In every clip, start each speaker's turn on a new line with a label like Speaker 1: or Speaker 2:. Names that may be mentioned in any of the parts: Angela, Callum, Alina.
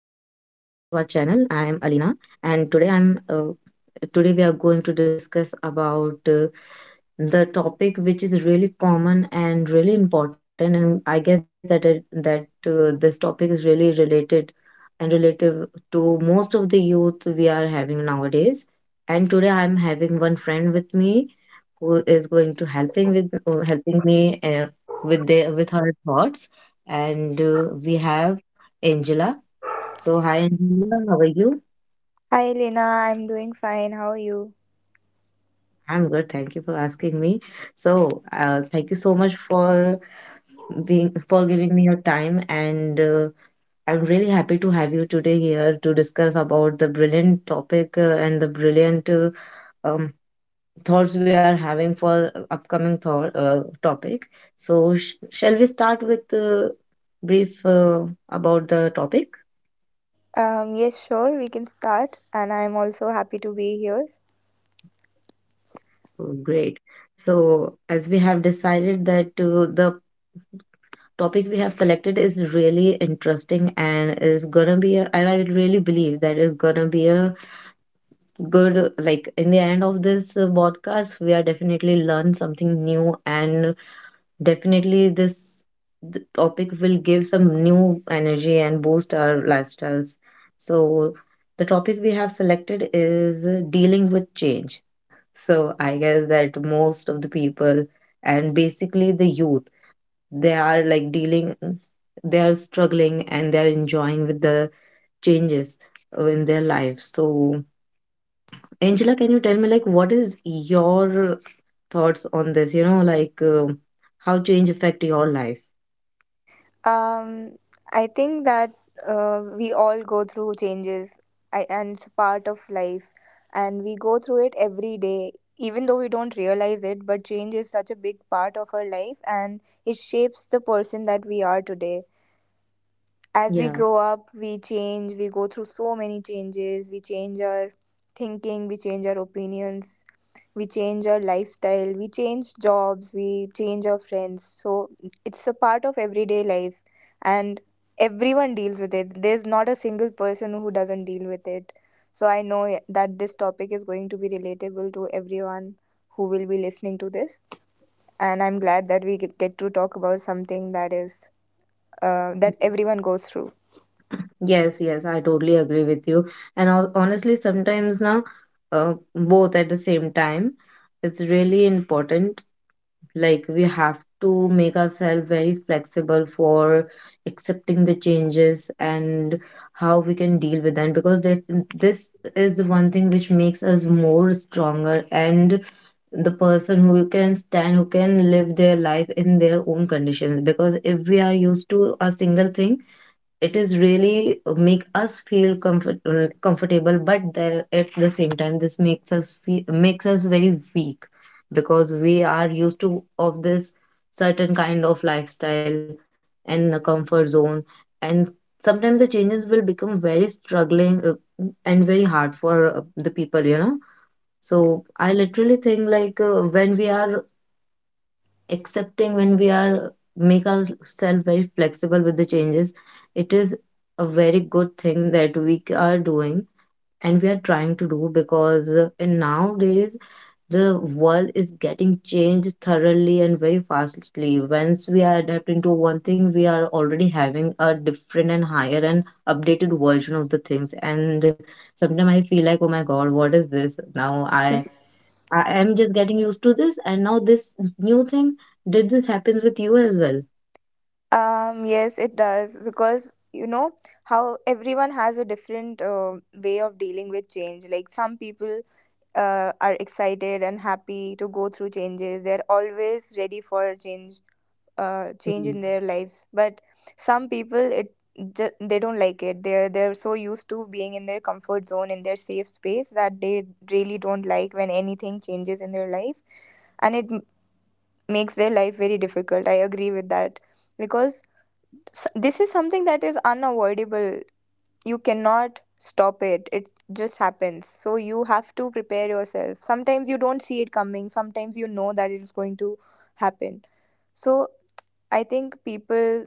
Speaker 1: back to our channel. I am Alina and today we are going to discuss about the topic, which is really common and really important, and I guess that this topic is really related and relative to most of the youth we are having nowadays. And today I'm having one friend with me who is going to helping me with their with her thoughts. And we have Angela. So hi Angela, how are you?
Speaker 2: Hi Lena, I'm doing fine. How are you?
Speaker 1: I'm good. Thank you for asking me. So, thank you so much for being for giving me your time, and I'm really happy to have you today here to discuss about the brilliant topic and the brilliant um, thoughts we are having for upcoming thought topic. So, sh shall we start with brief about the topic?
Speaker 2: Yes, sure, we can start, and I'm also happy to be here.
Speaker 1: Oh, great. So, as we have decided that the topic we have selected is really interesting and is gonna be a, and I really believe that is gonna be a good, like, in the end of this podcast we are definitely learn something new and definitely this topic will give some new energy and boost our lifestyles. So the topic we have selected is dealing with change. So I guess that most of the people, and basically the youth, they are like dealing, they are struggling and they're enjoying with the changes in their lives. So Angela, can you tell me, like, what is your thoughts on this? You know, like, how change affect your life?
Speaker 2: Um, I think that we all go through changes, and it's a part of life, and we go through it every day, even though we don't realize it. But change is such a big part of our life, and it shapes the person that we are today. As we
Speaker 1: Yeah.
Speaker 2: grow up, we change, we go through so many changes, we change our thinking, we change our opinions, we change our lifestyle, we change jobs, we change our friends. So it's a part of everyday life and everyone deals with it. There's not a single person who doesn't deal with it. So I know that this topic is going to be relatable to everyone who will be listening to this, and I'm glad that we get to talk about something that is that
Speaker 1: Mhm.
Speaker 2: everyone goes through.
Speaker 1: Yes, yes, I totally agree with you. And honestly, sometimes now, both at the same time, it's really important, like we have to make ourselves very flexible for accepting the changes and how we can deal with them because this is the one thing which makes us more stronger and the person who can stand, who can live their life in their own conditions, because if we are used to a single thing it is really make us feel comfortable, but then at the same time this makes us feel, makes us very weak because we are used to of this certain kind of lifestyle and the comfort zone, and sometimes the changes will become very struggling and very hard for the people, you know. So I literally think, like, when we are accepting, when we are make ourselves very flexible with the changes, it is a very good thing that are doing and we are trying to do, because in nowadays the world is getting changed thoroughly and very fastly. Once we are adapting to one thing, we are already having a different and higher and updated version of the things, and sometimes I feel like, oh my god, what is this now. I am just getting used to this, and now this new thing. Did this happen with you as well?
Speaker 2: Yes, it does, because you know how everyone has a different way of dealing with change. Like some people are excited and happy to go through changes. They're always ready for change, change in
Speaker 1: Mm.
Speaker 2: their lives. But some people, they don't like it. They're so used to being in their comfort zone, in their safe space, that they really don't like when anything changes in their life, and makes their life very difficult. I agree with that, because S this is something that is unavoidable. You cannot stop it. It just happens. So you have to prepare yourself. Sometimes you don't see it coming. Sometimes you know that it is going to happen. So I think people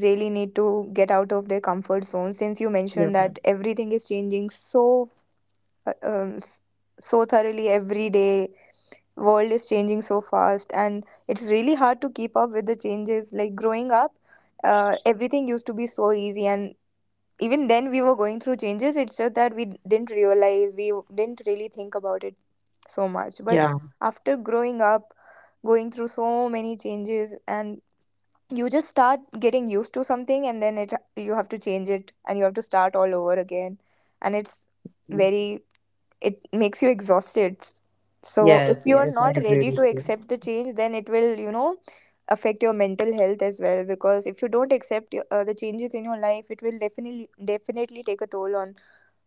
Speaker 2: really need to get out of their comfort zone, since you mentioned
Speaker 1: Yeah.
Speaker 2: that everything is changing so uh, um, s- so thoroughly every day, world is changing so fast and it's really hard to keep up with the changes. Like growing up, everything used to be so easy, and even then we were going through changes. It's just that we didn't realize, we didn't really think about it so much. But
Speaker 1: Yeah.
Speaker 2: yes, after growing up, going through so many changes, and you just start getting used to something, and then it you have to change it and you have to start all over again, and it's very, it makes you exhausted. So if
Speaker 1: Yes,
Speaker 2: you are
Speaker 1: yes, I
Speaker 2: not
Speaker 1: agree
Speaker 2: ready
Speaker 1: with
Speaker 2: to
Speaker 1: you.
Speaker 2: accept the change, then it will, you know, affect your mental health as well, because if you don't accept the changes in your life, it will definitely take a toll on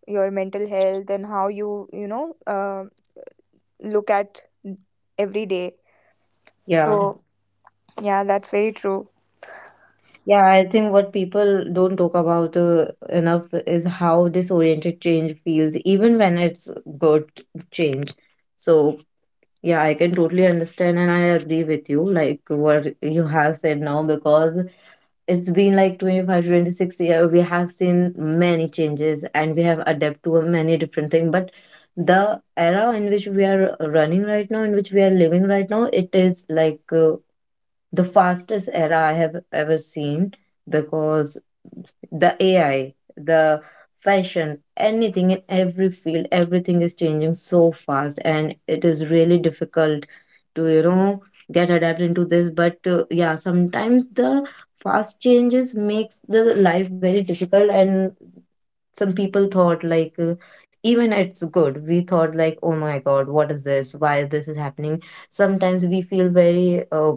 Speaker 2: your mental health and how you, you know, look at every day.
Speaker 1: Yeah.
Speaker 2: So yeah, that's very true.
Speaker 1: Yeah, I think what people don't talk about enough is how disoriented change feels, even when it's good change. So, yeah, I can totally understand and I agree with you, like what you have said now, because it's been like 25, 26 year we have seen many changes and we have adapted to many different things. But the era in which we are running right now, in which we are living right now, it is like the fastest era I have ever seen, because the AI, the fashion, anything, in every field, everything is changing so fast and it is really difficult to, you know, get adapted into this. But yeah, sometimes the fast changes makes the life very difficult, and some people thought like, even it's good, we thought like, oh my god, what is this, why this is happening. Sometimes we feel very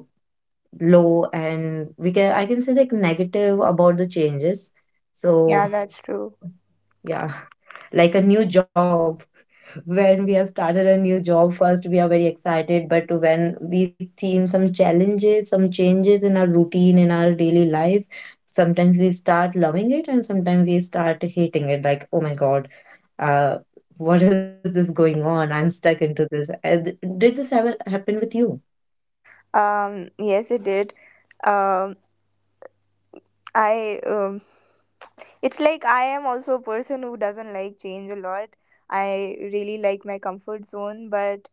Speaker 1: low, and we can, I can say, like, negative about the changes.
Speaker 2: Yeah,
Speaker 1: So
Speaker 2: that's true.
Speaker 1: yeah. Like a new job. When we have started a new job, first we are very excited, but when we've seen some challenges, some changes in our routine, in our daily life, sometimes we start loving it and sometimes we start hating it, like, oh my god, uh what is this going on, I'm stuck into this. Did this ever happen with you?
Speaker 2: Yes, it did. um I it's like I am also a person who doesn't like change a lot. I really like my comfort zone, but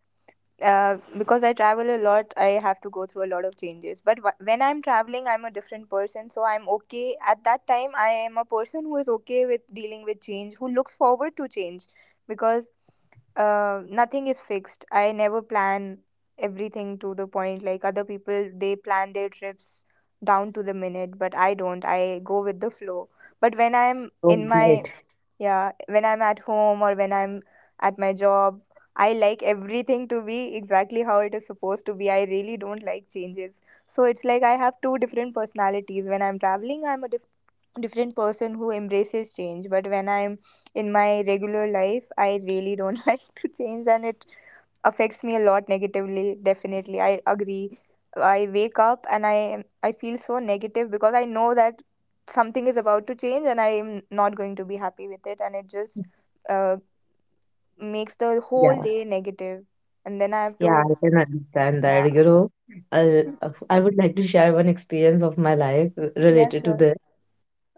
Speaker 2: because I travel a lot, I have to go through a lot of changes. But when I'm traveling, I'm a different person. So I'm okay. At that time, I am a person who is okay with dealing with change, who looks forward to change, because nothing is fixed. I never plan everything to the point like other people, they plan their trips down to the minute, but I don't. I go with the flow. But when I'm
Speaker 1: Oh,
Speaker 2: in my,
Speaker 1: great.
Speaker 2: yeah, when I'm at home or when I'm at my job, I like everything to be exactly how it is supposed to be. I really don't like changes. So it's like I have two different personalities. When I'm traveling, different person who embraces change. But when I'm in my regular life, I really don't like to change, and it affects me a lot negatively. Definitely, I agree. I wake up and I feel so negative, because I know that something is about to change and I am not going to be happy with it, and it just uh, makes the whole day negative. And then I have
Speaker 1: Yeah,
Speaker 2: to,
Speaker 1: I can understand
Speaker 2: yeah.
Speaker 1: that. You know, I would like to share one experience of my life
Speaker 2: Yeah,
Speaker 1: related to
Speaker 2: sure.
Speaker 1: this.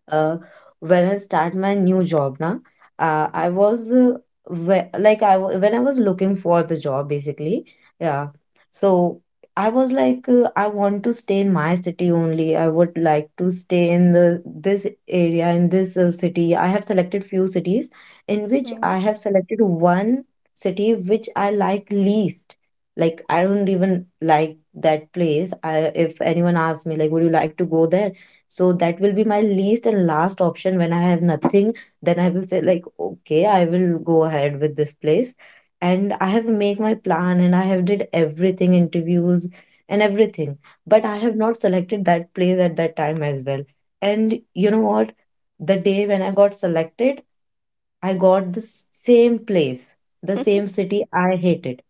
Speaker 1: Uh, when I start my new job now, I was like when I was looking for the job basically, yeah. So I was like, I want to stay in my city only. I would like to stay in the this area in this city. I have selected few cities, in which I
Speaker 2: Hmm.
Speaker 1: have selected one city which I like least, like I don't even like that place. I If anyone asks me like, would you like to go there? So that will be my least and last option. When I have nothing, then I will say like, okay, I will go ahead with this place. And I have made my plan and I have did everything, interviews and everything. But I have not selected that place at that time as well. And you know what? The day when I got selected, I got the same place, the same city I hated.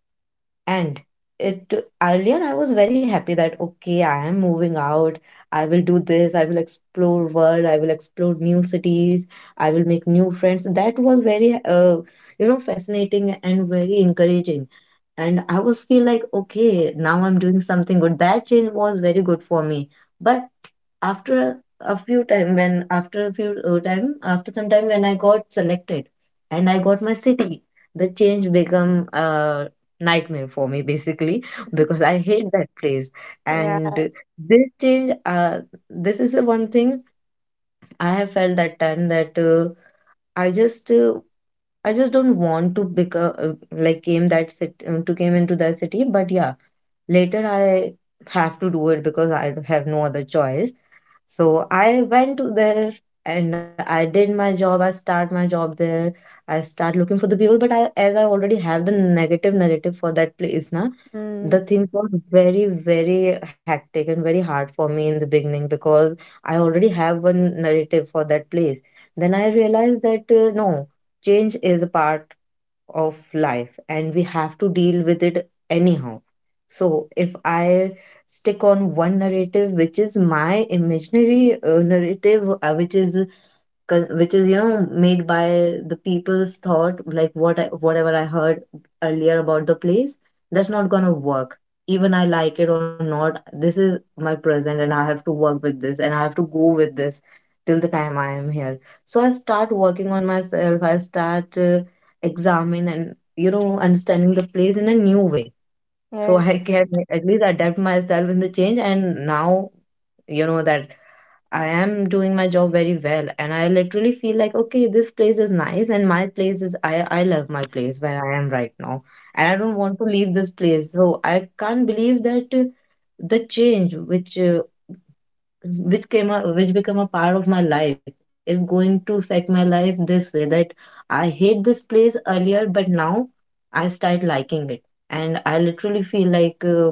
Speaker 1: And it earlier I was very happy that, okay, I am moving out, I will do this, I will explore world, I will explore new cities, I will make new friends. That was very you know, fascinating and very encouraging, and I was feel like, okay, now I'm doing something good, that change was very good for me. But after a, a few time, after some time, when I got selected and I got my city, the change become a nightmare for me basically because I hate that place.
Speaker 2: Yeah.
Speaker 1: And this change, this is the one thing I have felt that time, that I just uh, I just don't want to become like came that city to came into that city. But yeah, later I have to do it because I have no other choice. So I went to there and I did my job. I start my job there. I start looking for the people. But I, as I already have the negative narrative for that place, Na
Speaker 2: Mm.
Speaker 1: the things were very, very hectic and very hard for me in the beginning, because I already have one narrative for that place. Then I realized that, no, change is a part of life and we have to deal with it anyhow. So if I stick on one narrative, which is my imaginary narrative, which is which is, you know, made by the people's thought, like whatever I heard earlier about the place, that's not going to work. Even I like it or not, this is my present and I have to work with this and I have to go with this till the time I am here. So I start working on myself, I start examine and, you know, understanding the place in a new way, so I
Speaker 2: Yes.
Speaker 1: can at least adapt myself in the change. And now, you know that I am doing my job very well, and I literally feel like, okay, this place is nice and my place is, I love my place where I am right now, and I don't want to leave this place. So I can't believe that, the change which, which become a part of my life, is going to affect my life this way, that I hate this place earlier but now I start liking it. And I literally feel like,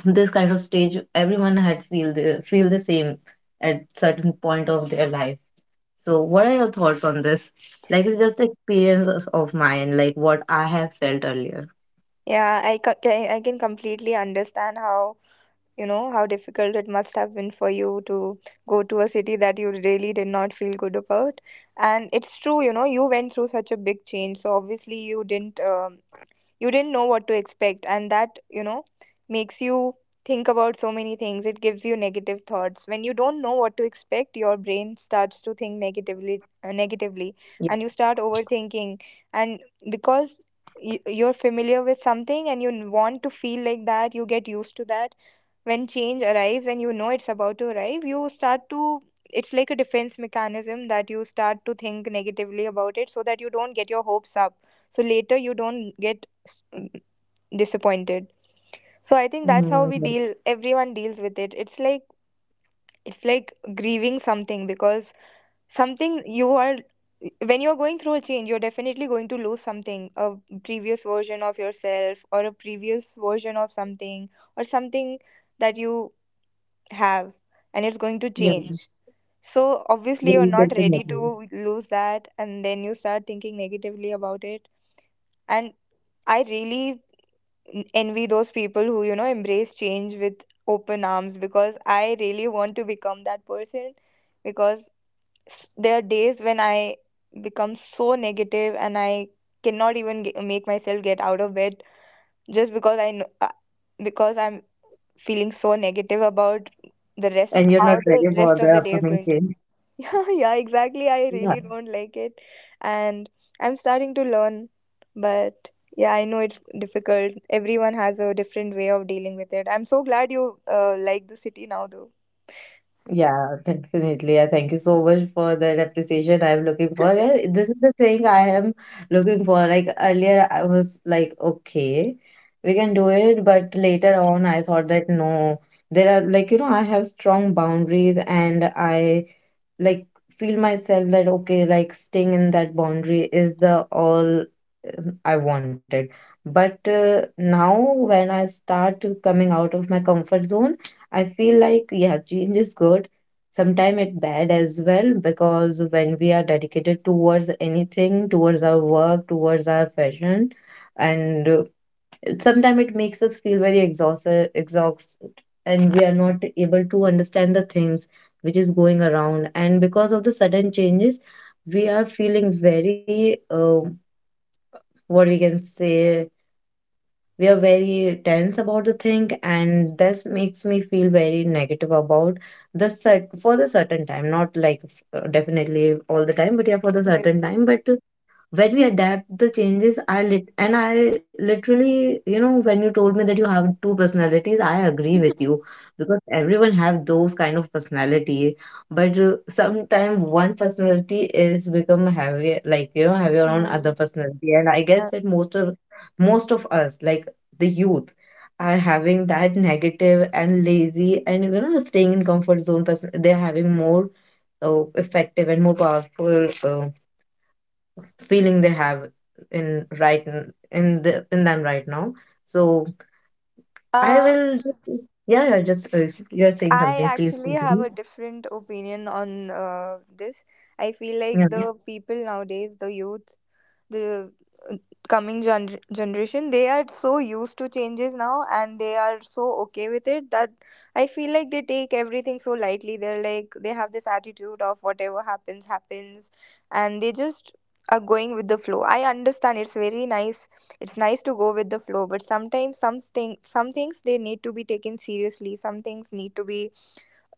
Speaker 1: this kind of stage everyone had feel the same at certain point of their life. So what are your thoughts on this? Like, it's just experience of mine, like what I have felt earlier.
Speaker 2: Yeah, I can completely understand how, you know, how difficult it must have been for you to go to a city that you really did not feel good about. And it's true, you know, you went through such a big change, so obviously you didn't know what to expect, and that, you know, makes you think about so many things. It gives you negative thoughts. When you don't know what to expect, your brain starts to think negatively,
Speaker 1: Yeah.
Speaker 2: negatively, and you start overthinking. And because you're familiar with something and you want to feel like that, you get used to that. When change arrives and you know it's about to arrive, you start to, it's like a defense mechanism, that you start to think negatively about it so that you don't get your hopes up, so later you don't get, mm, disappointed. So I think that's how
Speaker 1: Mhm,
Speaker 2: we
Speaker 1: yeah.
Speaker 2: deal, everyone deals with it. It's like, it's like grieving something, because something you are, when you're going through a change, you're definitely going to lose something, a previous version of yourself or a previous version of something, or something that you have, and it's going to
Speaker 1: Yeah.
Speaker 2: change. So
Speaker 1: Yeah,
Speaker 2: obviously you're not ready
Speaker 1: definitely.
Speaker 2: to lose that, and then you start thinking negatively about it. And I really envy those people who, you know, embrace change with open arms, because I really want to become that person. Because there are days when I become so negative and I cannot even make myself get out of bed, just because I know, because I'm feeling so negative about the rest,
Speaker 1: And you're not
Speaker 2: how the
Speaker 1: ready for
Speaker 2: rest
Speaker 1: the
Speaker 2: of the day is
Speaker 1: upcoming
Speaker 2: going to,
Speaker 1: change.
Speaker 2: yeah. Yeah, exactly, I really don't like it. And I'm starting to learn, but yeah, I know it's difficult. Everyone has a different way of dealing with it. I'm so glad you like the city now though.
Speaker 1: Yeah, definitely. I thank you so much for that appreciation I'm looking for. Yeah, this is the thing I am looking for. Like earlier, I was like, okay, we can do it, but later on, I thought that no, there are, like, you know, I have strong boundaries, and I, like, feel myself that, okay, like staying in that boundary is the all I wanted. But now when I start to coming out of my comfort zone, I feel like, yeah, change is good. Sometime it bad as well, because when we are dedicated towards anything, towards our work, towards our passion, and sometimes it makes us feel very exhausted. And we are not able to understand the things which is going around, and because of the sudden changes, we are feeling very, what we can say, we are very tense about the thing, and this makes me feel very negative about the set for the certain time, not like, definitely all the time, but yeah, for the
Speaker 2: Yes.
Speaker 1: certain time. But when we adapt the changes, I lit and I literally, you know, when you told me that you have two personalities, I agree with you, because everyone have those kind of personality. But sometimes one personality is become heavier, like, you know, heavier on
Speaker 2: Mm.
Speaker 1: other personality, and I guess
Speaker 2: Yeah.
Speaker 1: that most of us, like, the youth, are having that negative and lazy and, you know, staying in comfort zone person, they're having more effective and more powerful feeling they have in right n- in the in them right now. So I
Speaker 2: uh,
Speaker 1: will just, yeah, yeah, just, you're saying
Speaker 2: I
Speaker 1: something, please
Speaker 2: actually have
Speaker 1: continue.
Speaker 2: a different opinion on this. I feel like
Speaker 1: Yeah,
Speaker 2: the people nowadays, the youth, the uh, coming generation, they are so used to changes now and they are so okay with it, that I feel like they take everything so lightly. They're like, they have this attitude of whatever happens happens, and they just are going with the flow. I understand, it's very nice, it's nice to go with the flow, but sometimes some things they need to be taken seriously, some things need to be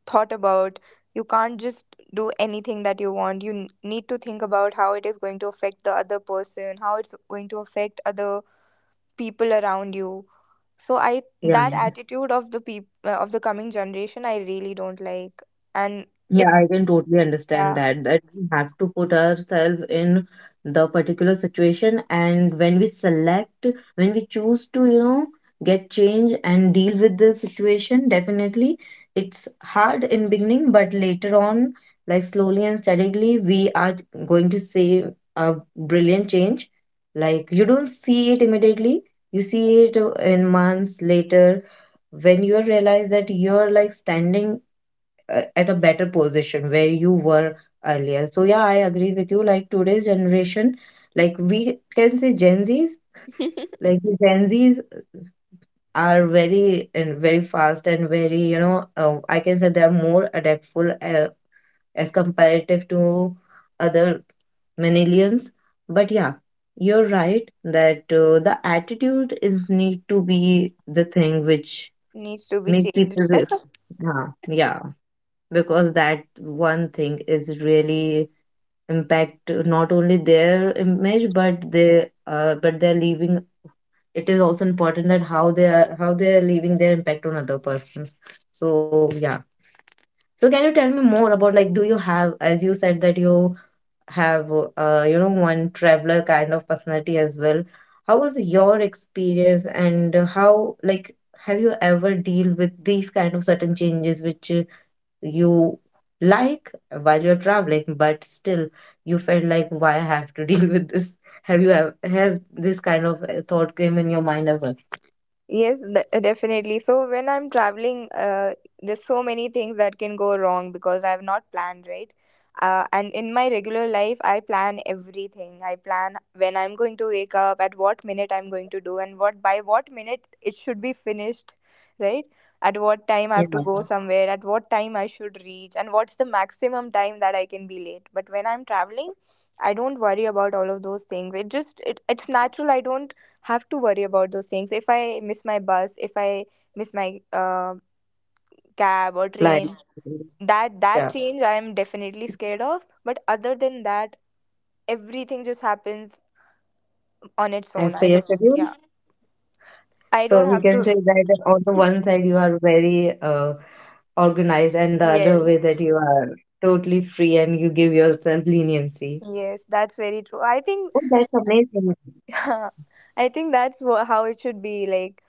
Speaker 2: thought about. You can't just do anything that you want. You need to think about how it is going to affect the other person, how it's going to affect other people around you. So I,
Speaker 1: yeah.
Speaker 2: that attitude of the of the coming generation I really don't like, and
Speaker 1: Yeah,
Speaker 2: it,
Speaker 1: I can totally understand
Speaker 2: yeah,
Speaker 1: that, that we have to put ourselves in the particular situation, and when we select, when we choose to, you know, get change and deal with the situation, definitely it's hard in beginning, but later on, like slowly and steadily, we are going to see a brilliant change. Like, you don't see it immediately, you see it in months later, when you realize that you're like standing at a better position where you were earlier. So yeah, I agree with you. Like today's generation, like we can say Gen Zs, like the Gen Zs are very and very fast, and very, you know, I can say they are more adaptful as comparative to other millennials. But yeah, you're right that the attitude is need to be the thing which
Speaker 2: needs to be
Speaker 1: make people.
Speaker 2: changed.
Speaker 1: Yeah, yeah, because that one thing is really impact, not only their image, but they but they're leaving. It is also important that how they are, how they are leaving their impact on other persons. So yeah, so can you tell me more about, like, do you have, as you said that you have, you know, one traveler kind of personality as well? How was your experience, and how, like, have you ever deal with these kind of certain changes which you, like, while you're traveling, but still you felt like, why I have to deal with this? Have this kind of thought came in your mind ever?
Speaker 2: Yes, definitely. So when I'm traveling, there's so many things that can go wrong, because I've not planned, right? And in my regular life, I plan everything. I plan when I'm going to wake up, at what minute I'm going to do, and what by what minute it should be finished, right? At what time
Speaker 1: Yeah,
Speaker 2: I have to go somewhere, at what time I should reach, and what's the maximum time that I can be late. But when I'm traveling, I don't worry about all of those things. It just, it's natural. I don't have to worry about those things. If I miss my bus, if I miss my cab or
Speaker 1: like,
Speaker 2: train, that
Speaker 1: yeah,
Speaker 2: that change I am definitely scared of. But other than that, everything just happens on its
Speaker 1: as
Speaker 2: own.
Speaker 1: per
Speaker 2: I
Speaker 1: your
Speaker 2: don't.
Speaker 1: schedule.
Speaker 2: Yeah, I
Speaker 1: So
Speaker 2: don't
Speaker 1: we
Speaker 2: have
Speaker 1: can
Speaker 2: to.
Speaker 1: say that on the one side you are very organized, and the other
Speaker 2: Yes,
Speaker 1: way that you are totally free, and you give yourself leniency.
Speaker 2: yes, that's very true.
Speaker 1: Oh,
Speaker 2: I
Speaker 1: that's
Speaker 2: think,
Speaker 1: amazing.
Speaker 2: I think that's how it should be. Like,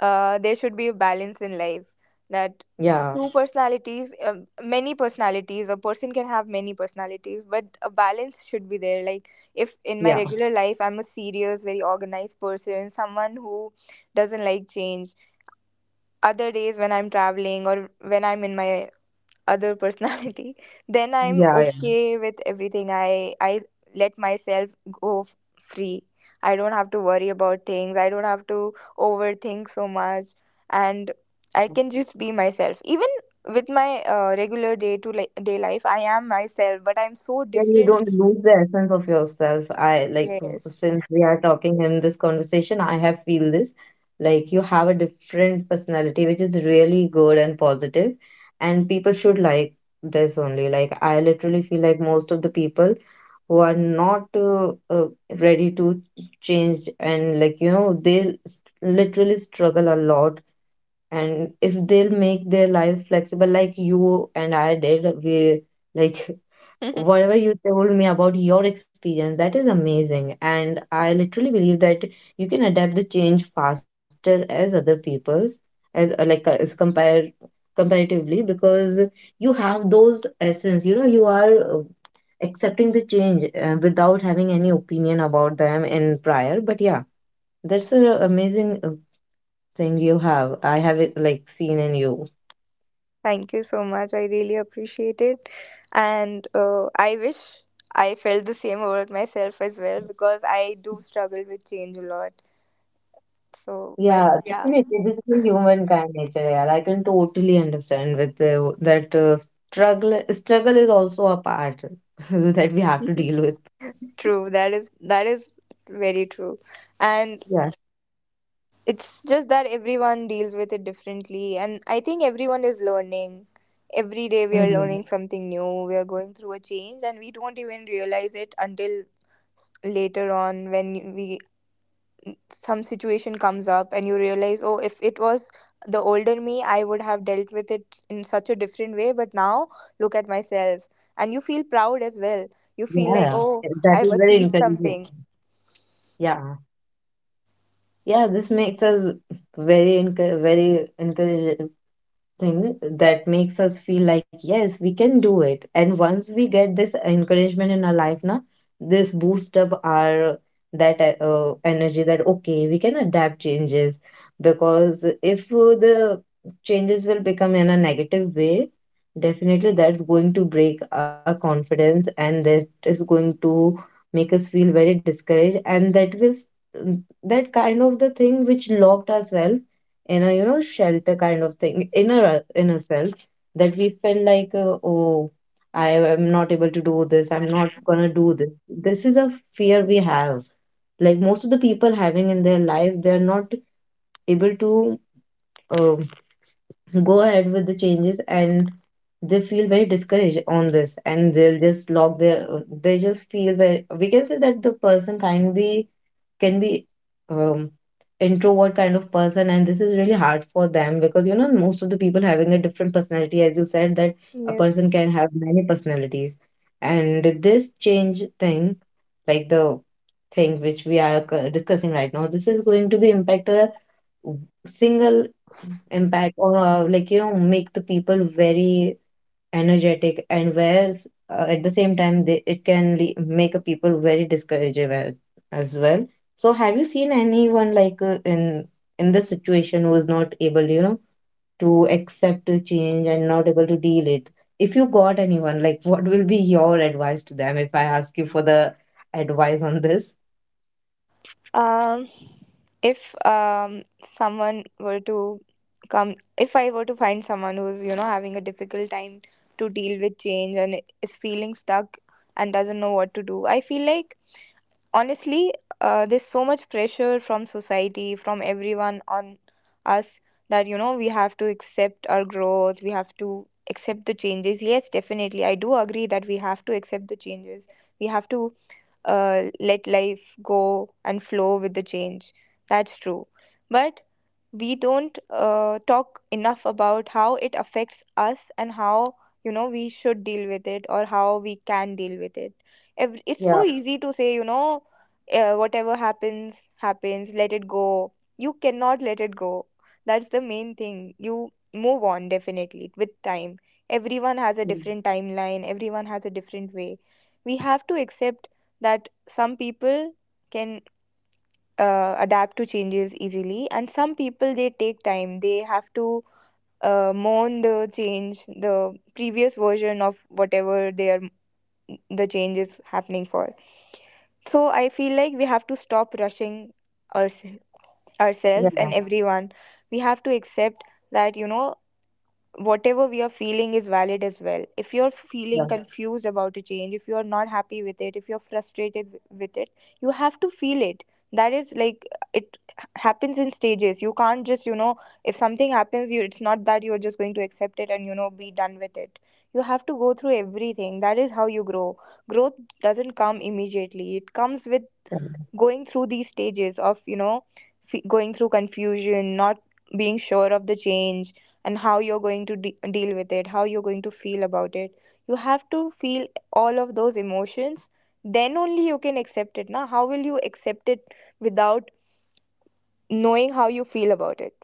Speaker 2: there should be a balance in life. That
Speaker 1: Yeah,
Speaker 2: two personalities, many personalities, a person can have many personalities, but a balance should be there. Like if in my
Speaker 1: yeah,
Speaker 2: regular life I'm a serious, very organized person, someone who doesn't like change, other days when I'm traveling or when I'm in my other personality then I'm
Speaker 1: yeah,
Speaker 2: okay with everything. I let myself go free. I don't have to worry about things, I don't have to overthink so much, and I can
Speaker 1: yeah.
Speaker 2: just be myself. Even with my regular day life, I am myself, but I'm so
Speaker 1: Yeah, you
Speaker 2: different.
Speaker 1: don't lose the essence of yourself. I like,
Speaker 2: Yes.
Speaker 1: since we are talking in this conversation, I have feel this, like, you have a different personality, which is really good and positive, and people should like this only. Like, I literally feel like most of the people who are not ready to change, and, like, you know, they literally struggle a lot. And if they'll make their life flexible, like you and I did, we, like, whatever you told me about your experience, that is amazing, and I literally believe that you can adapt the change faster as other people's, as like as compare comparatively, because you have those essence, you know, you are uh, accepting the change without having any opinion about them in prior. But yeah, that's an amazing thing you have, I have it like seen in you.
Speaker 2: Thank you so much, I really appreciate it. And I wish I felt the same about myself as well, because I do struggle with change a lot. So, but
Speaker 1: Yeah,
Speaker 2: yeah,
Speaker 1: definitely. This is a human kind nature. Yeah, like, I can totally understand with that struggle. Struggle is also a part that we have to
Speaker 2: yeah.
Speaker 1: deal with.
Speaker 2: True. That is very true. And
Speaker 1: Yeah.
Speaker 2: it's just that everyone deals with it differently, and I think everyone is learning. Every day we are
Speaker 1: Mhm.
Speaker 2: learning something new. We are going through a change, and we don't even realize it until later on when we some situation comes up and you realize, oh, if it was the older me, I would have dealt with it in such a different way, but now look at myself and you feel proud as well. You
Speaker 1: Yeah,
Speaker 2: feel like,
Speaker 1: yeah.
Speaker 2: oh,
Speaker 1: Yeah, that
Speaker 2: I've
Speaker 1: is very
Speaker 2: achieved
Speaker 1: encouraging.
Speaker 2: something.
Speaker 1: Yeah. Yeah, this makes us very encourage thing, that makes us feel like, yes, we can do it. And once we get this encouragement in our life now, this boost up our, that energy, that okay, we can adapt changes. Because if the changes will become in a negative way, definitely that's going to break our confidence, and that is going to make us feel very discouraged. And that will that kind of the thing which locked ourselves in a, you know, shelter kind of thing, inner inner self, that we felt like, oh, I am not able to do this, I'm not gonna do this. This is a fear we have, like most of the people having in their life. They're not able to uh, go ahead with the changes, and they feel very discouraged on this, and they'll just lock their, they just feel very, we can say that the person can be um introvert kind of person. And this is really hard for them, because, you know, most of the people having a different personality, as you said, that a
Speaker 2: Yes.
Speaker 1: person can have many personalities. And this change thing, like the thing which we are discussing right now, this is going to be impact single impact, or like, you know, make the people very energetic, and whereas at the same time, they it can make a people very discouraged as well. So have you seen anyone, like, in this situation, who is not able, you know, to accept the change and not able to deal it? If you got anyone, like, what will be your advice to them, if I ask you for the advice on this?
Speaker 2: um if someone were to come, if I were to find someone who's, you know, having a difficult time to deal with change and is feeling stuck and doesn't know what to do, I feel like, honestly, there's so much pressure from society, from everyone on us that, you know, we have to accept our growth, we have to accept the changes. Yes, definitely. I do agree that we have to accept the changes. We have to let life go and flow with the change. That's true. But we don't talk enough about how it affects us and how, you know, we should deal with it or how we can deal with it. It's so
Speaker 1: Yeah,
Speaker 2: easy to say, you know, whatever happens happens, let it go. You cannot let it go. That's the main thing. You move on, definitely, with time. Everyone has a different timeline, everyone has a different way. We have to accept that some people can adapt to changes easily, and some people they take time, they have to mourn the change, the previous version of whatever they are, the change is happening for. So I feel like we have to stop rushing ourse- ourselves and
Speaker 1: yeah,
Speaker 2: everyone. We have to accept that, you know, whatever we are feeling is valid as well. If you're feeling, yeah,
Speaker 1: yeah,
Speaker 2: confused about a change, if you're not happy with it, if you're frustrated with it, you have to feel it. That is like it happens in stages. You can't just, you know, if something happens, you it's not that you're just going to accept it and, you know, be done with it. You have to go through everything. That is how you grow. Growth doesn't come immediately. It comes with
Speaker 1: yeah.
Speaker 2: going through these stages of, you know, going through confusion, not being sure of the change and how you're going to deal with it, how you're going to feel about it. You have to feel all of those emotions, then only you can accept it. Now how will you accept it without knowing how you feel about it?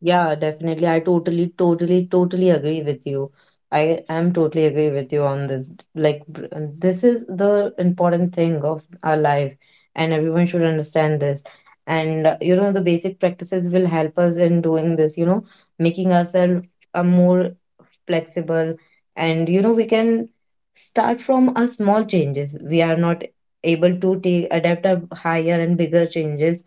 Speaker 1: Yeah, definitely. I totally, totally, totally agree with you. I am totally agree with you on this. Like, this is the important thing of our life, and everyone should understand this. And you know, the basic practices will help us in doing this, you know, making ourselves a more flexible, and, you know, we can start from a small changes. We are not able to take adapt a higher and bigger changes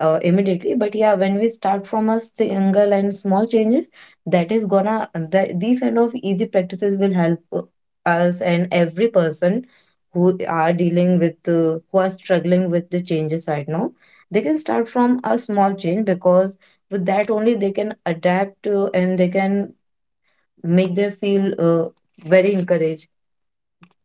Speaker 1: immediately. But yeah, when we start from a single and small changes, that is gonna, that these kind of easy practices will help us and every person who are dealing with, who are struggling with the changes right now, they can start from a small change, because with that only they can adapt to, and they can make them feel very encouraged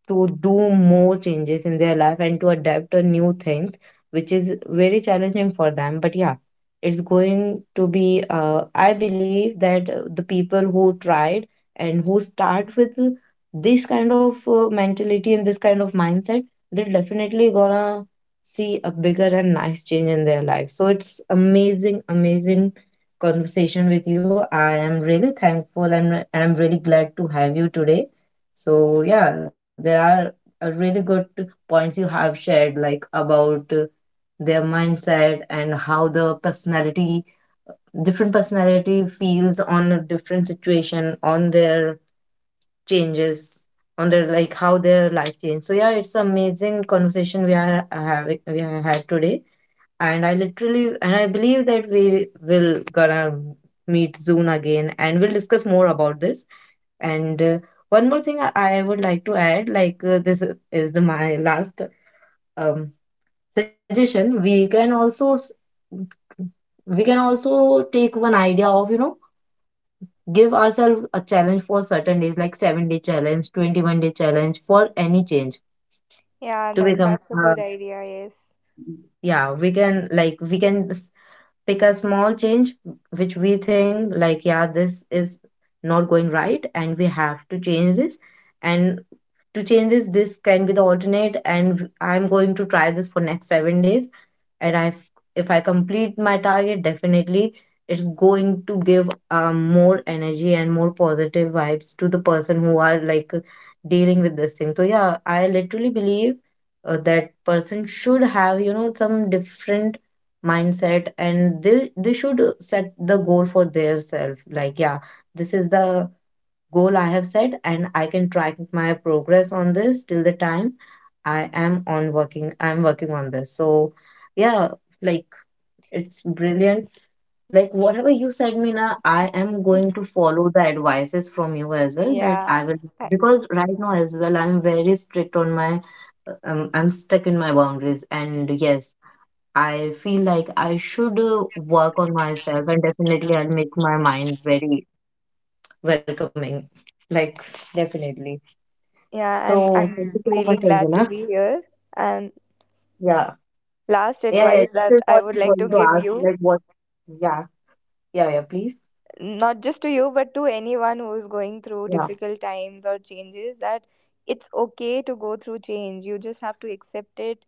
Speaker 1: to do more changes in their life, and to adapt to new things, which is very challenging for them. But yeah, it's going to be, I believe that the people who tried and who start with this kind of mentality and this kind of mindset, they're definitely gonna see a bigger and nice change in their life. So it's amazing, amazing conversation with you. I am really thankful, and I'm really glad to have you today. So, yeah, there are really good points you have shared, like about their mindset and how the personality, different personality feels on a different situation, on their changes, on their, like, how their life change. So, yeah, it's amazing conversation we are having, we have had today. And I literally, and I believe that we will gonna meet soon again, and we'll discuss more about this. And one more thing I would like to add, like, this is the, my last um, suggestion. We can also take one idea of, you know, give ourselves a challenge for certain days, like 7-day challenge, 21-day challenge for any change
Speaker 2: Yeah,
Speaker 1: to
Speaker 2: that,
Speaker 1: become,
Speaker 2: that's a good idea, yes.
Speaker 1: yeah, we can, like, we can pick a small change which we think, like, yeah, this is not going right, and we have to change this. And to change this, this can be the alternate, and I'm going to try this for next 7 days. And I if I complete my target, definitely it's going to give more energy and more positive vibes to the person who are, like, dealing with this thing. So yeah, I literally believe that person should have, you know, some different mindset, and they should set the goal for their self, like, yeah, this is the goal I have set, and I can track my progress on this till the time I'm working on this. So yeah, like, it's brilliant, like whatever you said, Mina, I am going to follow the advices from you as well, that
Speaker 2: Yeah,
Speaker 1: I will.
Speaker 2: I.
Speaker 1: Because right now as well, I'm very strict on my I'm stuck in my boundaries. And yes, I feel like I should work on myself, and definitely I'll make my mind very welcoming. Like, definitely.
Speaker 2: Yeah,
Speaker 1: So, thank
Speaker 2: I'm
Speaker 1: you so much,
Speaker 2: really glad
Speaker 1: Anjana.
Speaker 2: to be here. And
Speaker 1: Yeah.
Speaker 2: last
Speaker 1: Yeah, yeah.
Speaker 2: advice
Speaker 1: This
Speaker 2: that
Speaker 1: is
Speaker 2: I
Speaker 1: what
Speaker 2: would
Speaker 1: I'm
Speaker 2: like to
Speaker 1: going to
Speaker 2: give
Speaker 1: ask.
Speaker 2: you,
Speaker 1: Like, what? Yeah. Yeah, yeah, please.
Speaker 2: not just to you, but to anyone who is going through
Speaker 1: Yeah.
Speaker 2: difficult times or changes, that it's okay to go through change. You just have to accept it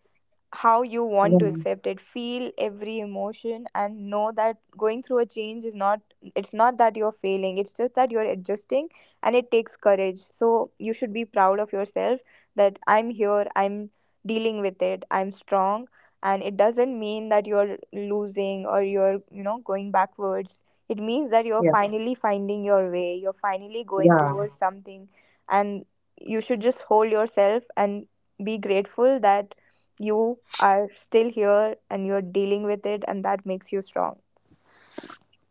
Speaker 2: how you want to
Speaker 1: Yeah.
Speaker 2: accept it, feel every emotion, and know that going through a change is not, it's not that you're failing, it's just that you're adjusting, and it takes courage, so you should be proud of yourself that I'm here, I'm dealing with it, I'm strong. And it doesn't mean that you're losing or you're, you know, going backwards. It means that you're
Speaker 1: Yeah.
Speaker 2: finally finding your way, you're finally going
Speaker 1: Yeah.
Speaker 2: towards something. And you should just hold yourself and be grateful that you are still here and you're dealing with it, and that makes you strong.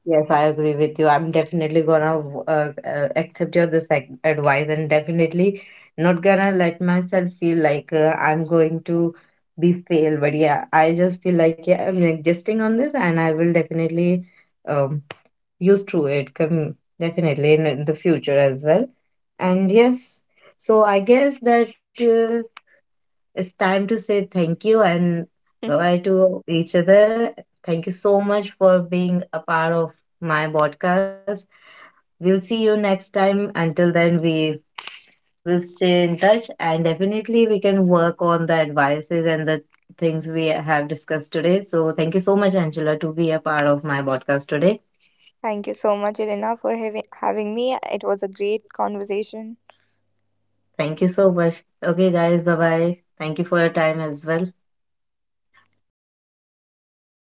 Speaker 1: Yes, I agree with you. I'm definitely gonna accept your this, like, advice, and definitely not gonna let myself feel like, I'm going to be fail. But yeah, I just feel like, yeah, I'm existing on this, and I will definitely um used to it come definitely in the future as well. And yes, so I guess that, it's time to say thank you and bye-bye to each other. Thank you so much for being a part of my podcast. We'll see you next time. Until then, we will stay in touch, and definitely we can work on the advices and the things we have discussed today. So thank you so much, Angela, to be a part of my podcast today.
Speaker 2: Thank you so much, Elena, for having me. It was a great conversation.
Speaker 1: Thank you so much. Okay, guys, bye bye. Thank you for your time as well.